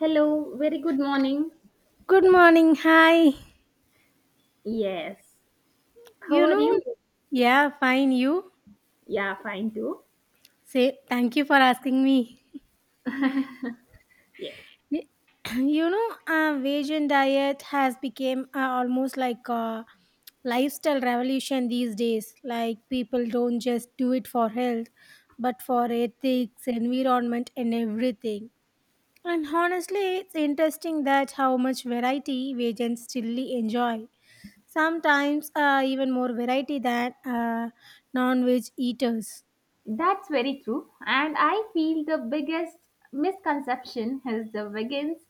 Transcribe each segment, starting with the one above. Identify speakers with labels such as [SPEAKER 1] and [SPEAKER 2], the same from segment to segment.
[SPEAKER 1] Hello, very good morning.
[SPEAKER 2] Good morning. Hi.
[SPEAKER 1] Yes. How
[SPEAKER 2] You
[SPEAKER 1] are you?
[SPEAKER 2] know, yeah, fine. You
[SPEAKER 1] Yeah, fine too.
[SPEAKER 2] say thank you for asking me.
[SPEAKER 1] Yes.
[SPEAKER 2] Y- You know, vegan diet has become almost like a lifestyle revolution these days. Like people don't just do it for health, but for ethics, environment, and everything. And honestly, it's interesting that how much variety vegans still enjoy sometimes, even more variety than non-veg eaters.
[SPEAKER 1] That's very true. And I feel the biggest misconception is the vegans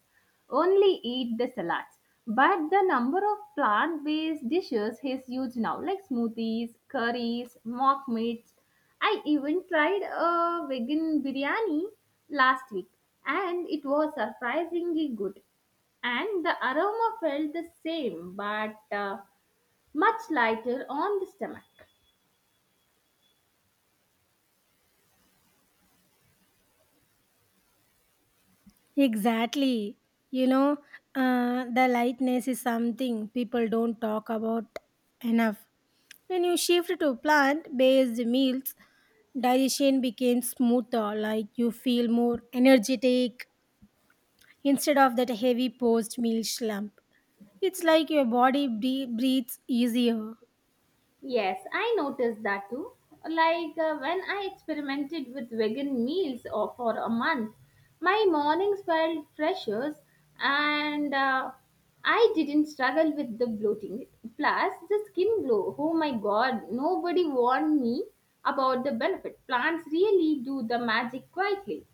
[SPEAKER 1] only eat the salads. But the number of plant based dishes is huge now, like smoothies, curries, mock meats. I even tried a vegan biryani last week and it was surprisingly good. And the aroma felt the same but much lighter on the stomach.
[SPEAKER 2] Exactly. you know the lightness is something people don't talk about enough. When you shift to plant-based meals, digestion becomes smoother. Like you feel more energetic instead of that heavy post-meal slump. It's like your body breathes easier.
[SPEAKER 1] Yes, I noticed that too. Like when I experimented with vegan meals or for a month, my mornings felt fresher and I didn't struggle with the bloating. Plus, the skin glow. Oh my god, nobody warned me about the benefit. Plants really do the magic quietly.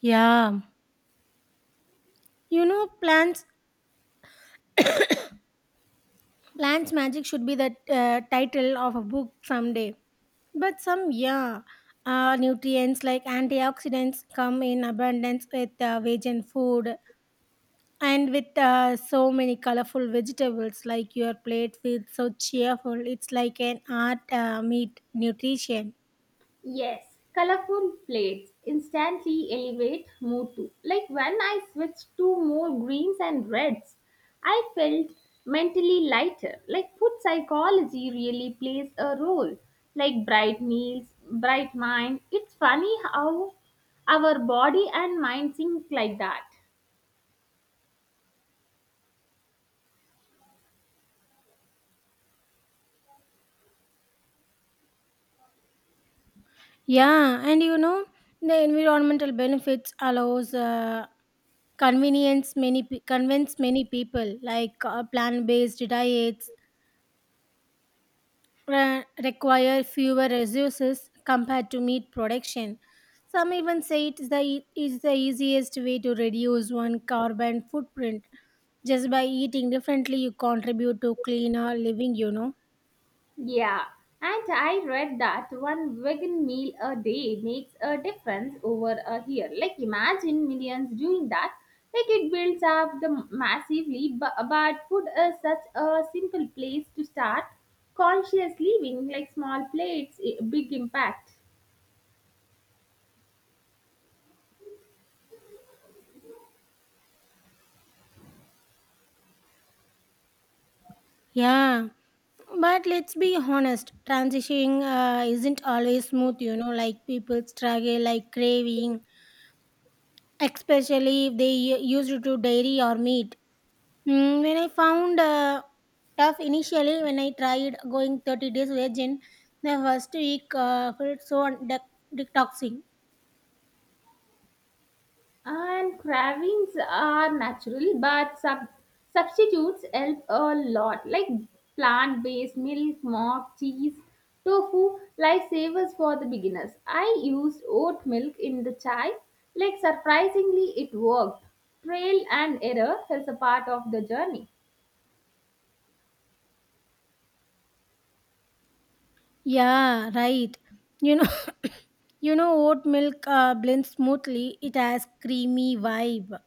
[SPEAKER 2] Yeah. You know, plants. Plants Magic should be the, title of a book someday. But some, yeah, nutrients like antioxidants come in abundance with vegan food and with, so many colorful vegetables. Like your plate feels so cheerful. It's like an art meet nutrition.
[SPEAKER 1] Yes, colorful plates instantly elevate mood too. Like when I switched to more greens and reds, I felt mentally lighter. Like food psychology really plays a role. Like bright meals, bright mind. It's funny how our body and mind sync like that.
[SPEAKER 2] Yeah, and you know the environmental benefits allows, convenience, convince many people like, plant based diets require fewer resources compared to meat production. Some even say it is is the easiest way to reduce one carbon footprint. Just by eating differently, you contribute to cleaner living, you know.
[SPEAKER 1] Yeah, and I read that one vegan meal a day makes a difference over a year. Like, imagine millions doing that. Like, it builds up the massively, but food is such a simple place to start conscious living, like small plates, big impact.
[SPEAKER 2] Yeah, but let's be honest, transitioning isn't always smooth, you know, like people struggle, like craving, especially if they used to dairy or meat. Mm, when I found tough initially, when I tried going 30 days vegan, the first week felt so detoxing.
[SPEAKER 1] And cravings are natural, but substitutes help a lot, like plant based milk, mock, cheese, tofu, lifesavers for the beginners. I used oat milk in the chai, like surprisingly, it worked. Trail and error is a part of the journey.
[SPEAKER 2] Yeah, right. You know, you know, oat milk blends smoothly. It has creamy vibe.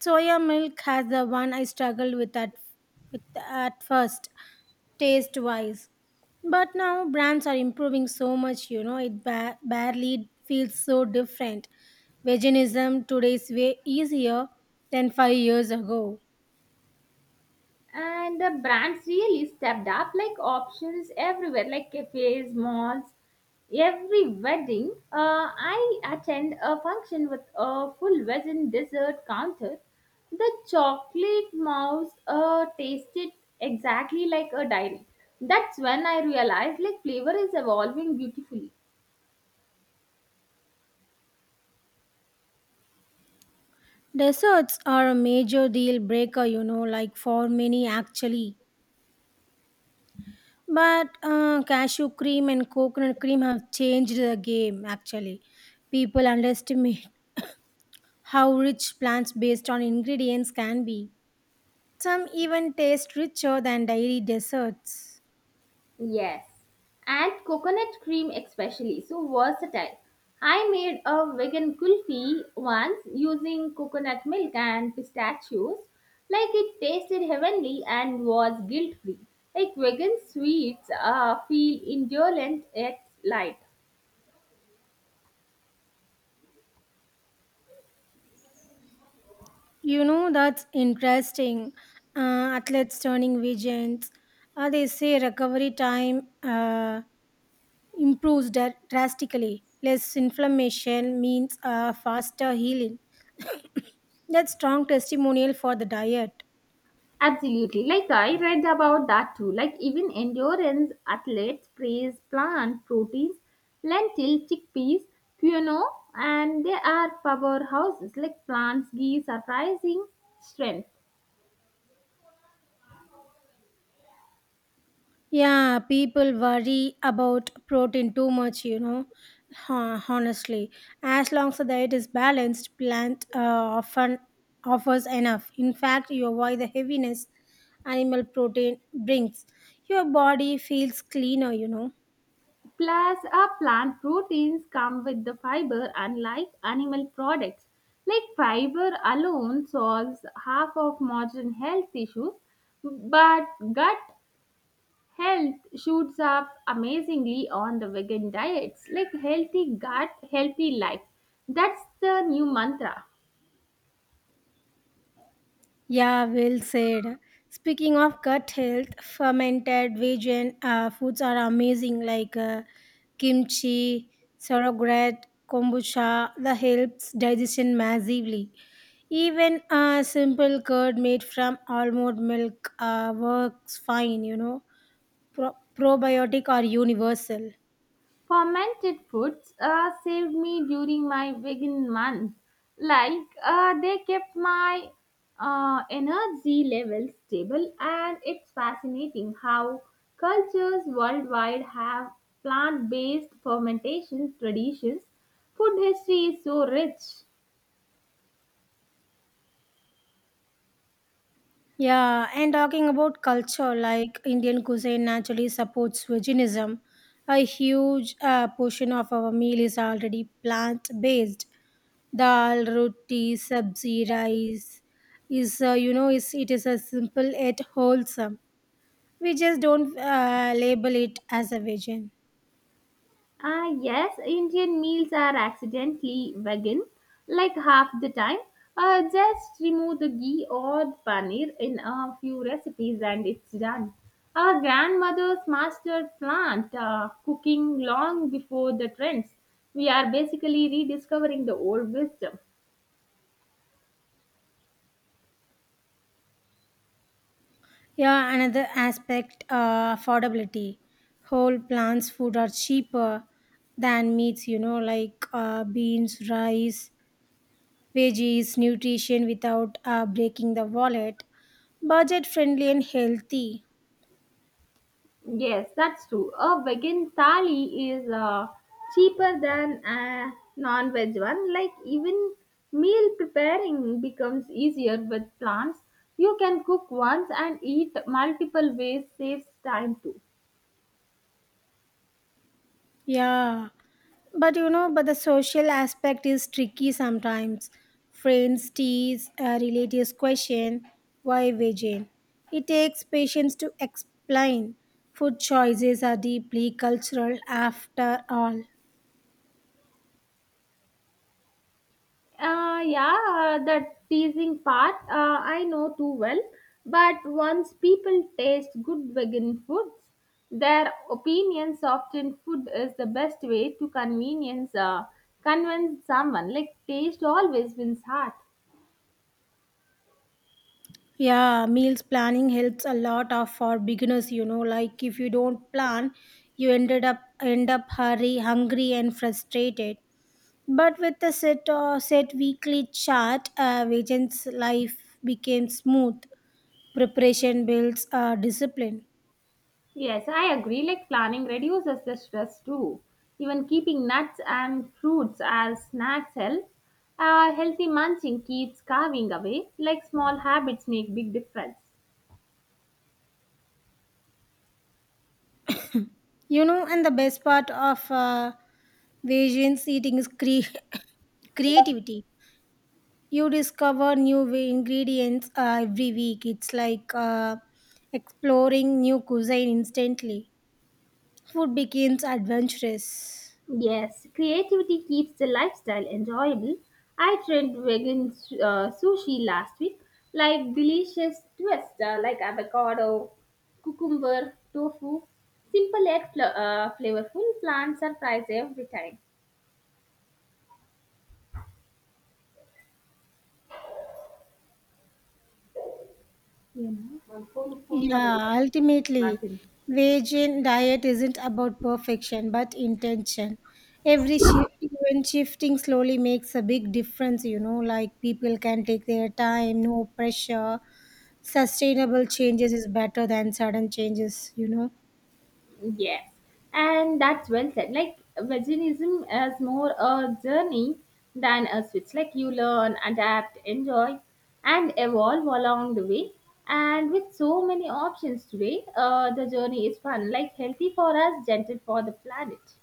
[SPEAKER 2] Soya milk has the one I struggled with at first. Taste wise, but now brands are improving so much, you know, it barely feels so different. Veganism today is way easier than 5 years ago.
[SPEAKER 1] And the brands really stepped up, like options everywhere, like cafes, malls. Every wedding I attend a function with a full vegan dessert counter. The chocolate mouse tasted exactly like a diary. That's when I realized, like flavor is evolving beautifully.
[SPEAKER 2] Desserts are a major deal breaker, you know, like for many actually, but cashew cream and coconut cream have changed the game actually. People underestimate how rich plants based on ingredients can be. Some even taste richer than dairy desserts.
[SPEAKER 1] Yes, and coconut cream especially, so versatile. I made a vegan kulfi once using coconut milk and pistachios. Like it tasted heavenly and was guilt free. Like vegan sweets feel indolent yet light.
[SPEAKER 2] You know, that's interesting. Athletes turning vegans. They say recovery time improves drastically. Less inflammation means, faster healing. That's strong testimonial for the diet.
[SPEAKER 1] Absolutely. Like I read about that too. Like even endurance athletes praise plant proteins, lentil, chickpeas, quinoa, and they are powerhouses. Like plants give surprising strength.
[SPEAKER 2] Yeah, people worry about protein too much, you know, honestly. As long as the diet is balanced, plant, often offers enough. In fact, you avoid the heaviness animal protein brings. Your body feels cleaner, you know.
[SPEAKER 1] Plus, our plant proteins come with the fiber, unlike animal products. Like fiber alone solves half of modern health issues, but gut health shoots up amazingly on the vegan diets, like healthy gut, healthy life. That's the new mantra.
[SPEAKER 2] Yeah, well said. Speaking of gut health, fermented vegan, foods are amazing, like, kimchi, sauerkraut, kombucha. That helps digestion massively. Even a simple curd made from almond milk works fine, you know. Probiotic are universal.
[SPEAKER 1] Fermented foods saved me during my vegan month. Like they kept my energy level stable, and it's fascinating how cultures worldwide have plant based fermentation traditions. Food history is so rich.
[SPEAKER 2] Yeah, and talking about culture, like Indian cuisine naturally supports veganism. A huge portion of our meal is already plant based. Dal, roti, sabzi, rice is, it is a simple yet wholesome. We just don't label it as a vegan.
[SPEAKER 1] Ah, yes, Indian meals are accidentally vegan, like half the time. Just remove the ghee or the paneer in a few recipes and it's done. Our grandmothers mastered plant cooking long before the trends. We are basically rediscovering the old wisdom.
[SPEAKER 2] Yeah, another aspect, affordability. Whole plants food are cheaper than meats, you know, like, beans, rice, veggies, nutrition without breaking the wallet, budget friendly and healthy.
[SPEAKER 1] Yes, that's true. A vegan thali is cheaper than a non veg one. Like, even meal preparing becomes easier with plants. You can cook once and eat multiple ways, saves time too.
[SPEAKER 2] Yeah, but you know, but the social aspect is tricky sometimes. Friends tease, relatives question, why vegan? It takes patience to explain. Food choices are deeply cultural after all.
[SPEAKER 1] Yeah, that teasing part I know too well. But once people taste good vegan foods, their opinions often food is the best way to convenience convince someone. Like taste always wins heart.
[SPEAKER 2] Yeah, meals planning helps a lot of for beginners, you know, like if you don't plan, you end up hurry, hungry and frustrated. But with the set weekly chart, Vijay's life became smooth. Preparation builds discipline.
[SPEAKER 1] Yes, I agree. Like planning reduces the stress too. Even keeping nuts and fruits as snacks helps. Healthy munching keeps carving away. Like small habits make big difference.
[SPEAKER 2] You know, and the best part of Vijay's eating is creativity. You discover ingredients every week. It's like exploring new cuisine instantly. Food becomes adventurous.
[SPEAKER 1] Yes, creativity keeps the lifestyle enjoyable. I tried vegan sushi last week, like delicious twist like avocado, cucumber, tofu. Simple yet flavorful plants surprise every time. You
[SPEAKER 2] Yeah, ultimately,
[SPEAKER 1] know.
[SPEAKER 2] vegan diet isn't about perfection but intention. Every shi Even shifting slowly makes a big difference, you know, like people can take their time, no pressure. Sustainable changes is better than sudden changes, you know.
[SPEAKER 1] Yes, and that's well said. Like veganism is more a journey than a switch. Like you learn, adapt, enjoy, and evolve along the way. And with so many options today, the journey is fun. Like healthy for us, gentle for the planet.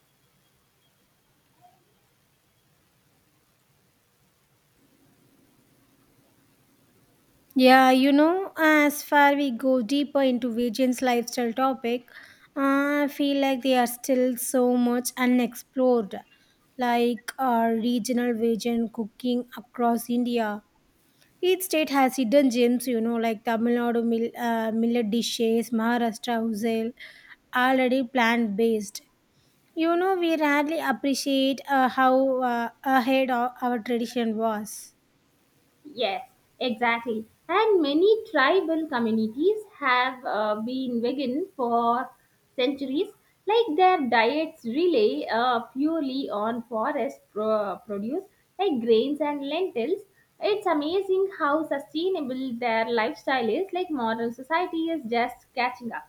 [SPEAKER 2] Yeah, you know, as far we go deeper into Vijay's lifestyle topic, I feel like they are still so much unexplored, like, regional Vijay cooking across India. Each state has hidden gems, you know, like Tamil Nadu millet dishes, Maharashtra usal, already plant based. You know, we rarely appreciate how ahead our tradition was.
[SPEAKER 1] Yes, exactly. And many tribal communities have been vegan for centuries. Like their diets rely purely on forest produce, like grains and lentils. It's amazing how sustainable their lifestyle is. Like modern society is just catching up.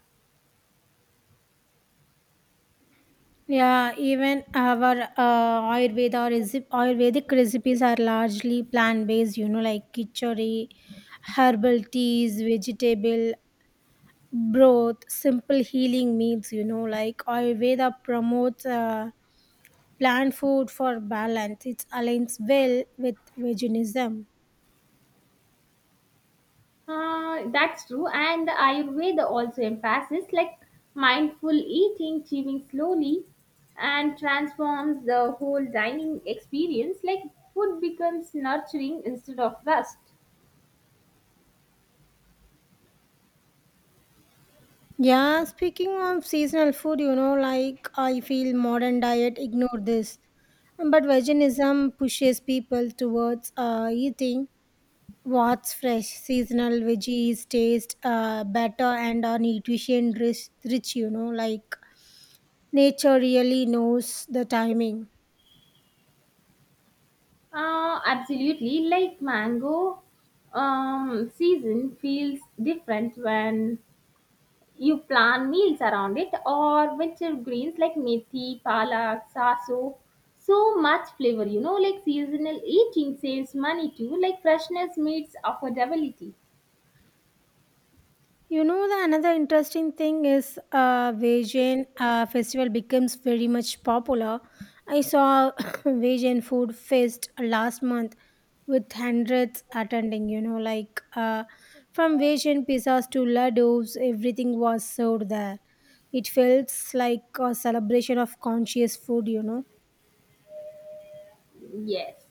[SPEAKER 2] Yeah, even our, Ayurveda Ayurvedic recipes are largely plant based, you know, like kichori, herbal teas, vegetable broth, simple healing meals, you know, like Ayurveda promotes, plant food for balance. It aligns well with veganism.
[SPEAKER 1] That's true. And the Ayurveda also emphasizes like mindful eating, chewing slowly, and transforms the whole dining experience. Like food becomes nurturing instead of rust.
[SPEAKER 2] Yeah, speaking of seasonal food, you know, like I feel modern diet ignore this. But veganism pushes people towards, eating what's fresh. Seasonal veggies taste better and are nutrition rich, you know, like nature really knows the timing.
[SPEAKER 1] Absolutely. Like mango season feels different when you plan meals around it, or winter greens like methi, palak, saso. So much flavor, like seasonal eating saves money too, like freshness meets affordability.
[SPEAKER 2] You know, the another interesting thing is, Vajayant festival becomes very much popular. I saw Vajayant food fest last month with hundreds attending. You know, like, from Vajayant pizzas to ladoos, everything was served there. It felt like a celebration of conscious food, you know.
[SPEAKER 1] Yes.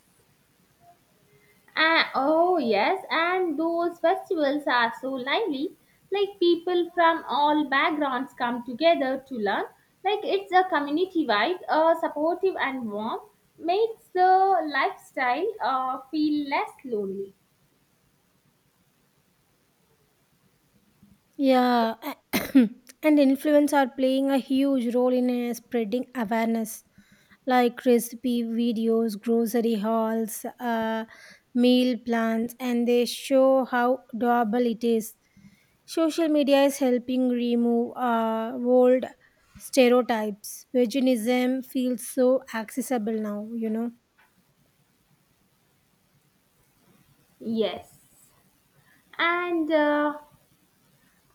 [SPEAKER 1] Oh, yes, and those festivals are so lively. Like people from all backgrounds come together to learn. Like it's a community vibe, supportive and warm, makes the lifestyle feel less lonely.
[SPEAKER 2] Yeah, and influence are playing a huge role in spreading awareness, like recipe videos, grocery hauls, meal plans, and they show how doable it is. Social media is helping remove old stereotypes. Veganism feels so accessible now, you know.
[SPEAKER 1] Yes. And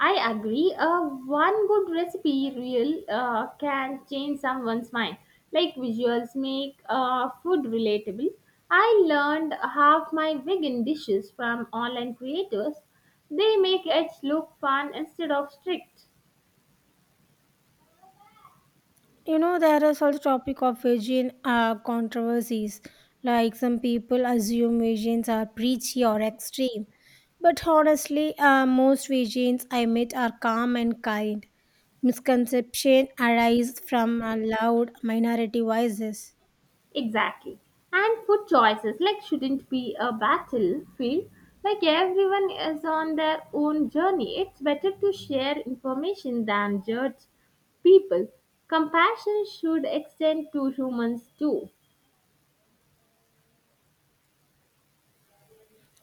[SPEAKER 1] I agree, one good recipe reel can change someone's mind. Like visuals make food relatable. I learned half my vegan dishes from online creators. They make it look fun instead of strict.
[SPEAKER 2] You know, there is also topic of Fijian controversies. Like some people assume Fijians are preachy or extreme, but honestly, most Fijians I meet are calm and kind. Misconception arise from loud minority voices.
[SPEAKER 1] Exactly. And food choices like shouldn't be a battlefield. Like everyone is on their own journey. It's better to share information than judge people. Compassion should extend to humans too.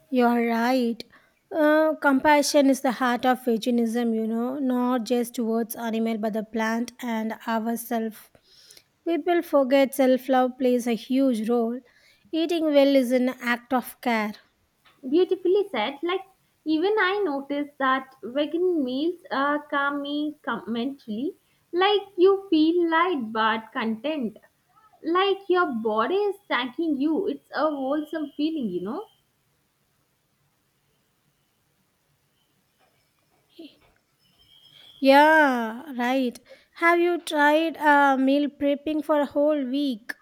[SPEAKER 2] You're right. Compassion is the heart of veganism, you know, not just towards animal but the plant and ourselves. People forget self love plays a huge role. Eating well is an act of care.
[SPEAKER 1] Beautifully said. Like even I noticed that vegan meals calm me mentally. Like you feel light but content. Like your body is thanking you. It's a wholesome feeling.
[SPEAKER 2] Yeah, right. Have you tried meal prepping for a whole week?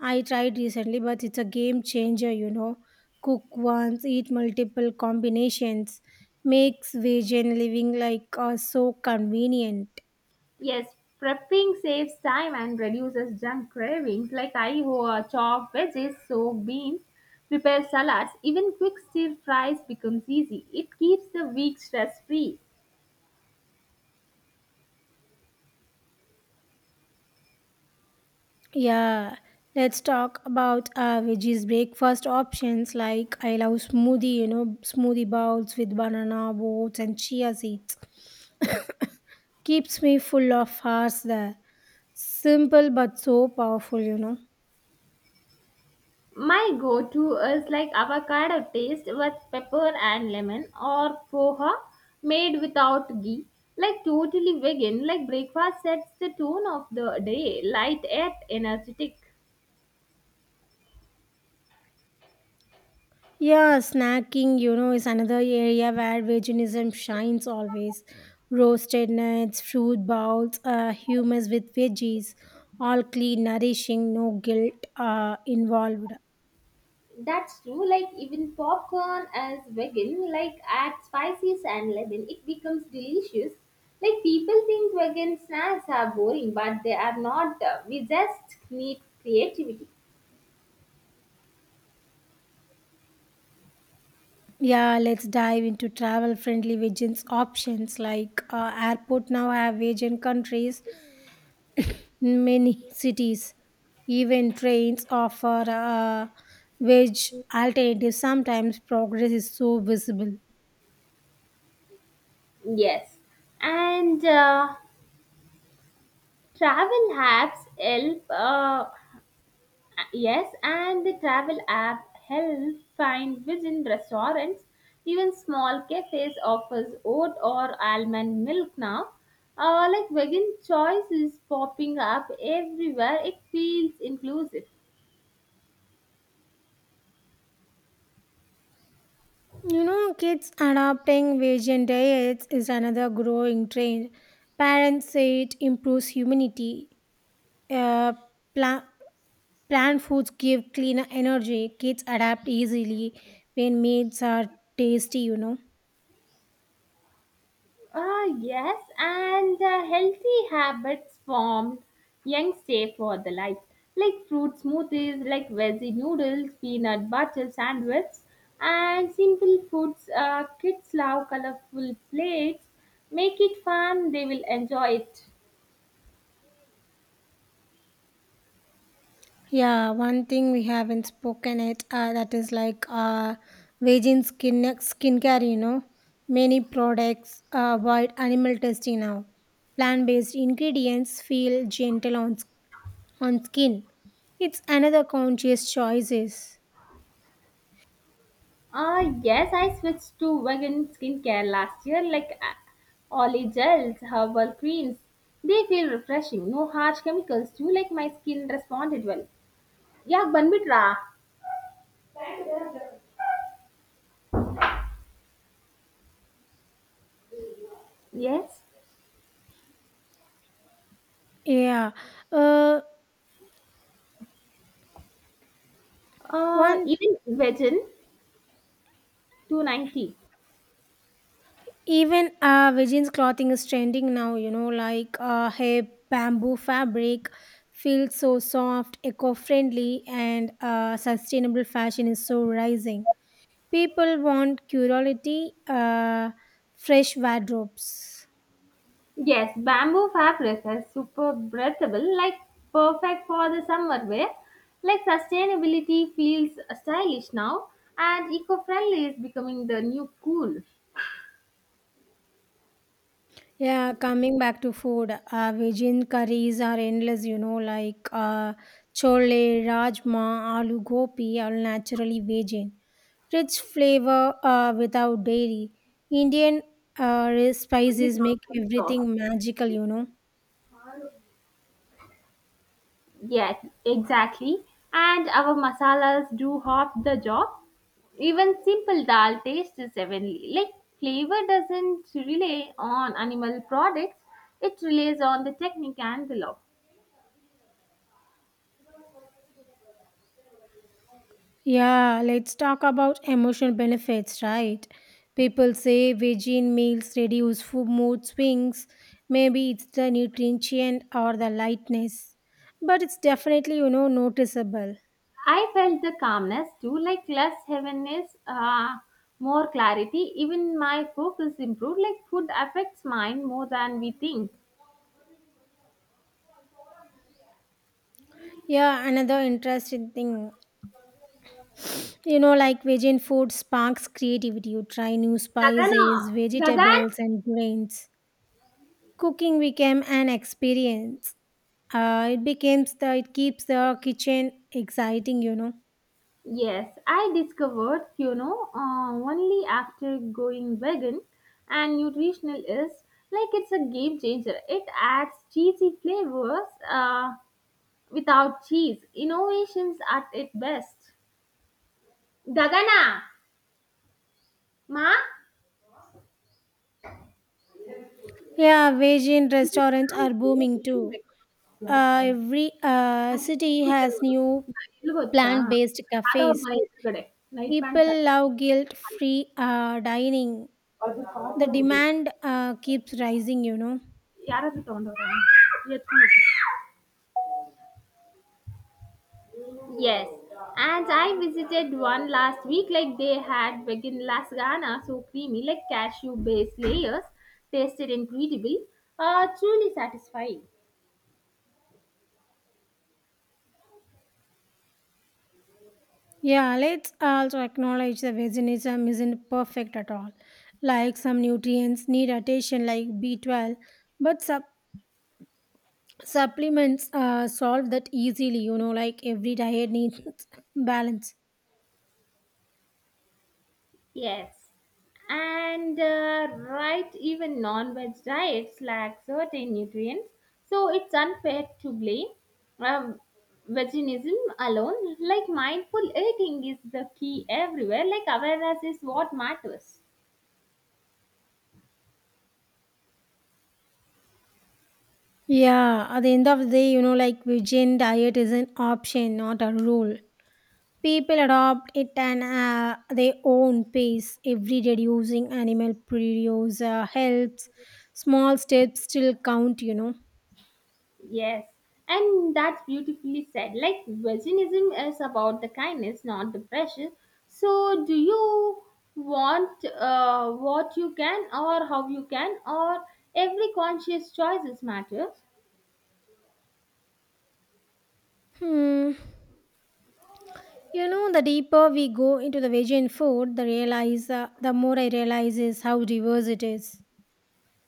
[SPEAKER 2] I tried recently, but it's a game changer, you know. Cook once, eat multiple combinations, makes vegan living like so convenient.
[SPEAKER 1] Yes, prepping saves time and reduces junk cravings, like I chop veggies, soak beans, prepare salads. Even quick stir fries becomes easy. It keeps the week stress free.
[SPEAKER 2] Yeah, let's talk about veggies breakfast options. Like I love smoothie, you know, smoothie bowls with banana, oats, and chia seeds. Keeps me full of hearts there. Simple but so powerful, you know.
[SPEAKER 1] My go to is like avocado taste with pepper and lemon, or poha made without ghee. Like totally vegan, like breakfast sets the tone of the day, light yet energetic.
[SPEAKER 2] Yeah, snacking, you know, is another area where veganism shines always. Roasted nuts, fruit bowls, hummus with veggies, all clean, nourishing, no guilt involved.
[SPEAKER 1] That's true. Like even popcorn as vegan, like add spices and lemon, it becomes delicious. Like people think vegan snacks are boring, but they are not. We just need creativity.
[SPEAKER 2] Yeah, let's dive into travel friendly vegans options like, airport now have vegan countries many cities. Even trains offer, veg alternatives. Sometimes progress is so visible.
[SPEAKER 1] Yes, and travel apps help. Yes, and the travel app help find vegan restaurants. Even small cafes offers oat or almond milk now. Like vegan choice is popping up everywhere. It feels inclusive.
[SPEAKER 2] You know, kids adopting vegan diets is another growing trend. Parents say it improves humanity. Uh, pla- Plant foods give cleaner energy. Kids adapt easily when meals are tasty, you know.
[SPEAKER 1] Yes, and healthy habits formed young stay for the life, like fruit smoothies, like veggie noodles, peanut butter sandwiches, and simple foods. Kids love colorful plates. Make it fun; they will enjoy it.
[SPEAKER 2] Yeah, one thing we haven't spoken it that is like, vegan skin skincare. You know, many products avoid animal testing now. Plant-based ingredients feel gentle on skin. It's another conscious choices.
[SPEAKER 1] Yes, I switched to vegan skincare last year, like olive gels, herbal creams. They feel refreshing, no harsh chemicals too. Like my skin responded well. Yeah, ban bit raha. Yes,
[SPEAKER 2] Yeah, uh, one
[SPEAKER 1] even Vegin 290.
[SPEAKER 2] even uh, virgin's clothing is trending now, you know, like, uh, hey, bamboo fabric feels so soft, eco-friendly, and uh, sustainable fashion is so rising. People want curiosity, uh, fresh wardrobes.
[SPEAKER 1] Yes, bamboo fabric is super breathable, like perfect for the summer wear. Like sustainability feels stylish now, and eco-friendly is becoming the new cool. What
[SPEAKER 2] Yeah, coming back to food, Vijin curries are endless, you know, like, chole, rajma, aloo gopi are naturally Vijin. Rich flavor without dairy. Indian,
[SPEAKER 1] do you
[SPEAKER 2] spices make
[SPEAKER 1] think, Tom?
[SPEAKER 2] everything magical, you know.
[SPEAKER 1] Yes, exactly. And our masalas do half the job. Even simple dal tastes heavenly. Like flavor doesn't rely on animal products, it relies on the technique and the love.
[SPEAKER 2] Yeah, let's talk about emotional benefits, right? People say vegan meals reduce food mood swings. Maybe it's the nutrition or the lightness, but it's definitely, you know, noticeable.
[SPEAKER 1] I felt the calmness too, like less heaviness, more clarity. Even my focus improved. Like food affects mind more than we think.
[SPEAKER 2] Yeah, another interesting thing, you know, like vegan food sparks creativity. You try new
[SPEAKER 1] Gagana,
[SPEAKER 2] spices,
[SPEAKER 1] Gagan.
[SPEAKER 2] vegetables, and grains. Cooking became an experience. It keeps the kitchen exciting, you know.
[SPEAKER 1] Yes, I discovered quinoa only after going vegan and nutritionalist. Like it's a game changer. It adds cheesy flavors without cheese. Innovations at its best. Gagana, ma.
[SPEAKER 2] Yeah, veg in restaurants are booming too. Every
[SPEAKER 1] ಅಷ್ಟ್
[SPEAKER 2] city
[SPEAKER 1] ಕೂತಲ್ಲಿ
[SPEAKER 2] has
[SPEAKER 1] ನೋಡು.
[SPEAKER 2] new
[SPEAKER 1] ನಾ ಎಲ್ಲಿ ಗೊತ್ತಾ
[SPEAKER 2] plant-based
[SPEAKER 1] ಯಾವ್ದೋ
[SPEAKER 2] cafes.
[SPEAKER 1] ಮನೆ ಎದುರುಗಡೆ night pants
[SPEAKER 2] People love guilt-free dining. The demand keeps rising, you know.
[SPEAKER 1] ಯಾರಾದ್ರೂ ತಗೊಂಡವ್ರ ಎತ್ಕೊಂಡು. Yes, and I visited one last week. Like they had vegan lasagna, so creamy, like cashew-based layers. Tasted incredible. Truly satisfying.
[SPEAKER 2] Yeah, let's also acknowledge that veganism isn't perfect at all. Like some nutrients need attention, like B12, but supplements solve that easily, you know, like every diet needs balance.
[SPEAKER 1] Yes, and right, even non-veg diets lack certain nutrients, so it's unfair to blame um, veganism alone. Like mindful eating is the key everywhere. Like awareness is what matters.
[SPEAKER 2] Yeah, at the end of the day, you know, like vegan diet is an option, not a rule. People adopt it and their own pace. Every reducing animal produce helps. Small steps still count, you know.
[SPEAKER 1] Yes, and that's beautifully said. Like veganism is about the kindness, not the pressure. So, do you want what you can, or how you can, or every conscious choices matter?
[SPEAKER 2] Hmm. You know, the deeper we go into the vegan food, the more I realize is how diverse it is.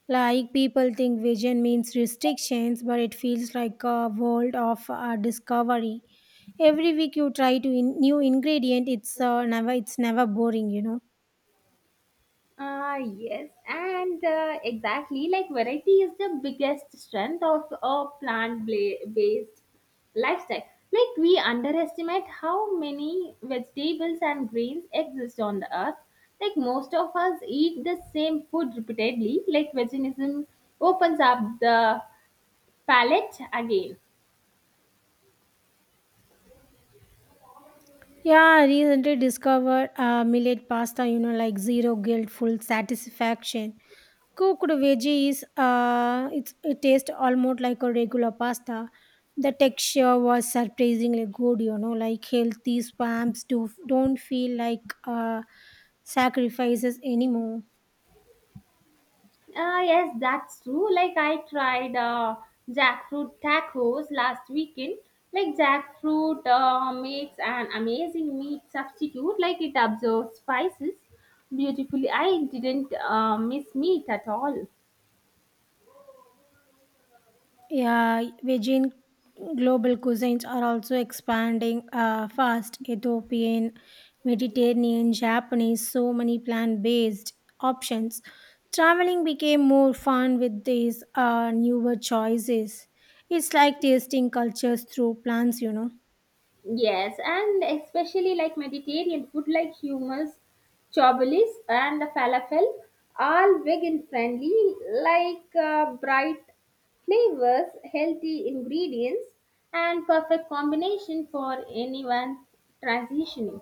[SPEAKER 2] Like people think vision means restrictions, but it feels like a world of discovery. Every week you try to new ingredient. It's never boring, you know.
[SPEAKER 1] Ah, yes, and exactly like variety is the biggest strength of a plant based lifestyle. Like, we underestimate how many vegetables and grains exist on the earth. Like, most of us eat the same food repeatedly, like, veganism opens up the palate again.
[SPEAKER 2] Yeah, I recently discovered millet pasta, you know, like zero guilt, full satisfaction. Cooked veggies, it tastes almost like a regular pasta. The texture was surprisingly good, you know, like healthy spams don't feel like sacrifices anymore.
[SPEAKER 1] Yes, that's true. Like I tried jackfruit tacos last weekend. Like jackfruit makes an amazing meat substitute. Like it absorbs spices beautifully. I didn't miss meat at all.
[SPEAKER 2] Yeah, Veggian global cuisines are also expanding fast. Ethiopian, Mediterranean, Japanese, so many plant based options. Traveling became more fun with these newer choices. It's like tasting cultures through plants, you know.
[SPEAKER 1] Yes, and especially like Mediterranean food like hummus, chobolis, and the falafel, all vegan friendly, like bright flavors, healthy ingredients, and perfect combination for anyone transitioning.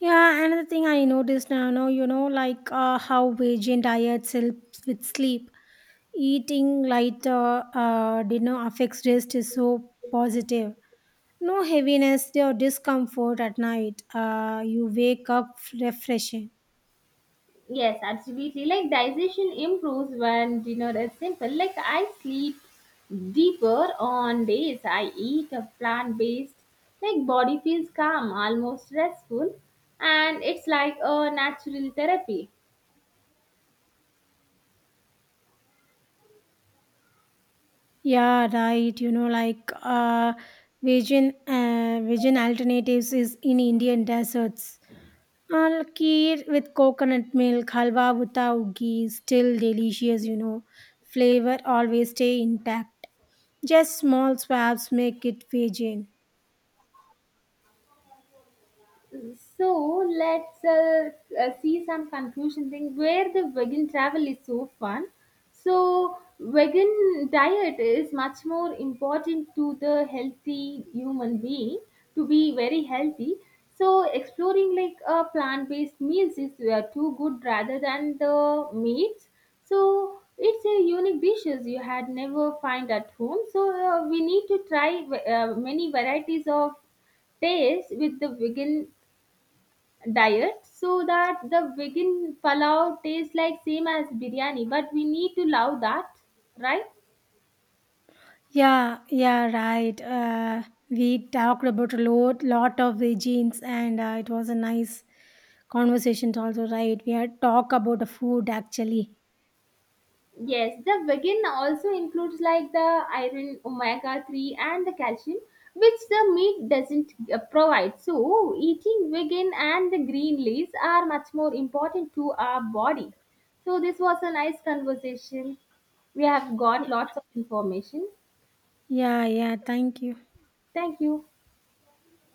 [SPEAKER 2] Yeah, another thing I noticed now, no, you know, like, how Veggian diets helps with sleep. Eating lighter dinner affects rest is so positive. No heaviness or discomfort at night. You wake up refreshing.
[SPEAKER 1] Yes, absolutely. Like digestion improves when dinner is simple. Like I sleep deeper on days I eat a plant based. Like body feels calm, almost restful, and it's like a natural therapy.
[SPEAKER 2] Yeah, right. You know, like, vegan alternatives is in Indian deserts. Kheer with coconut milk, halwa without ghee, still delicious. You know, flavor always stay intact. Just small swaps make it vegan.
[SPEAKER 1] So let's see some conclusion thing where the vegan travel is so fun. So vegan diet is much more important to the healthy human being to be very healthy. So exploring like a plant-based meals is too good rather than the meats. So it's a unique dishes you had never find at home. So we need to try many varieties of taste with the vegan diet, so that the vegan palau tastes like same as biryani, but we need to love that, right?
[SPEAKER 2] Yeah, right. We talked about lot of the genes, and it was a nice conversation. Also, right? We had talk about the food actually.
[SPEAKER 1] Yes, the vegan also includes like the iron, omega 3, and the calcium, which the meat doesn't provide. So eating vegan and the green leaves are much more important to our body. So this was a nice conversation. We have got
[SPEAKER 2] Y-
[SPEAKER 1] lots of information.
[SPEAKER 2] yeah. Thank you.
[SPEAKER 1] Thank you.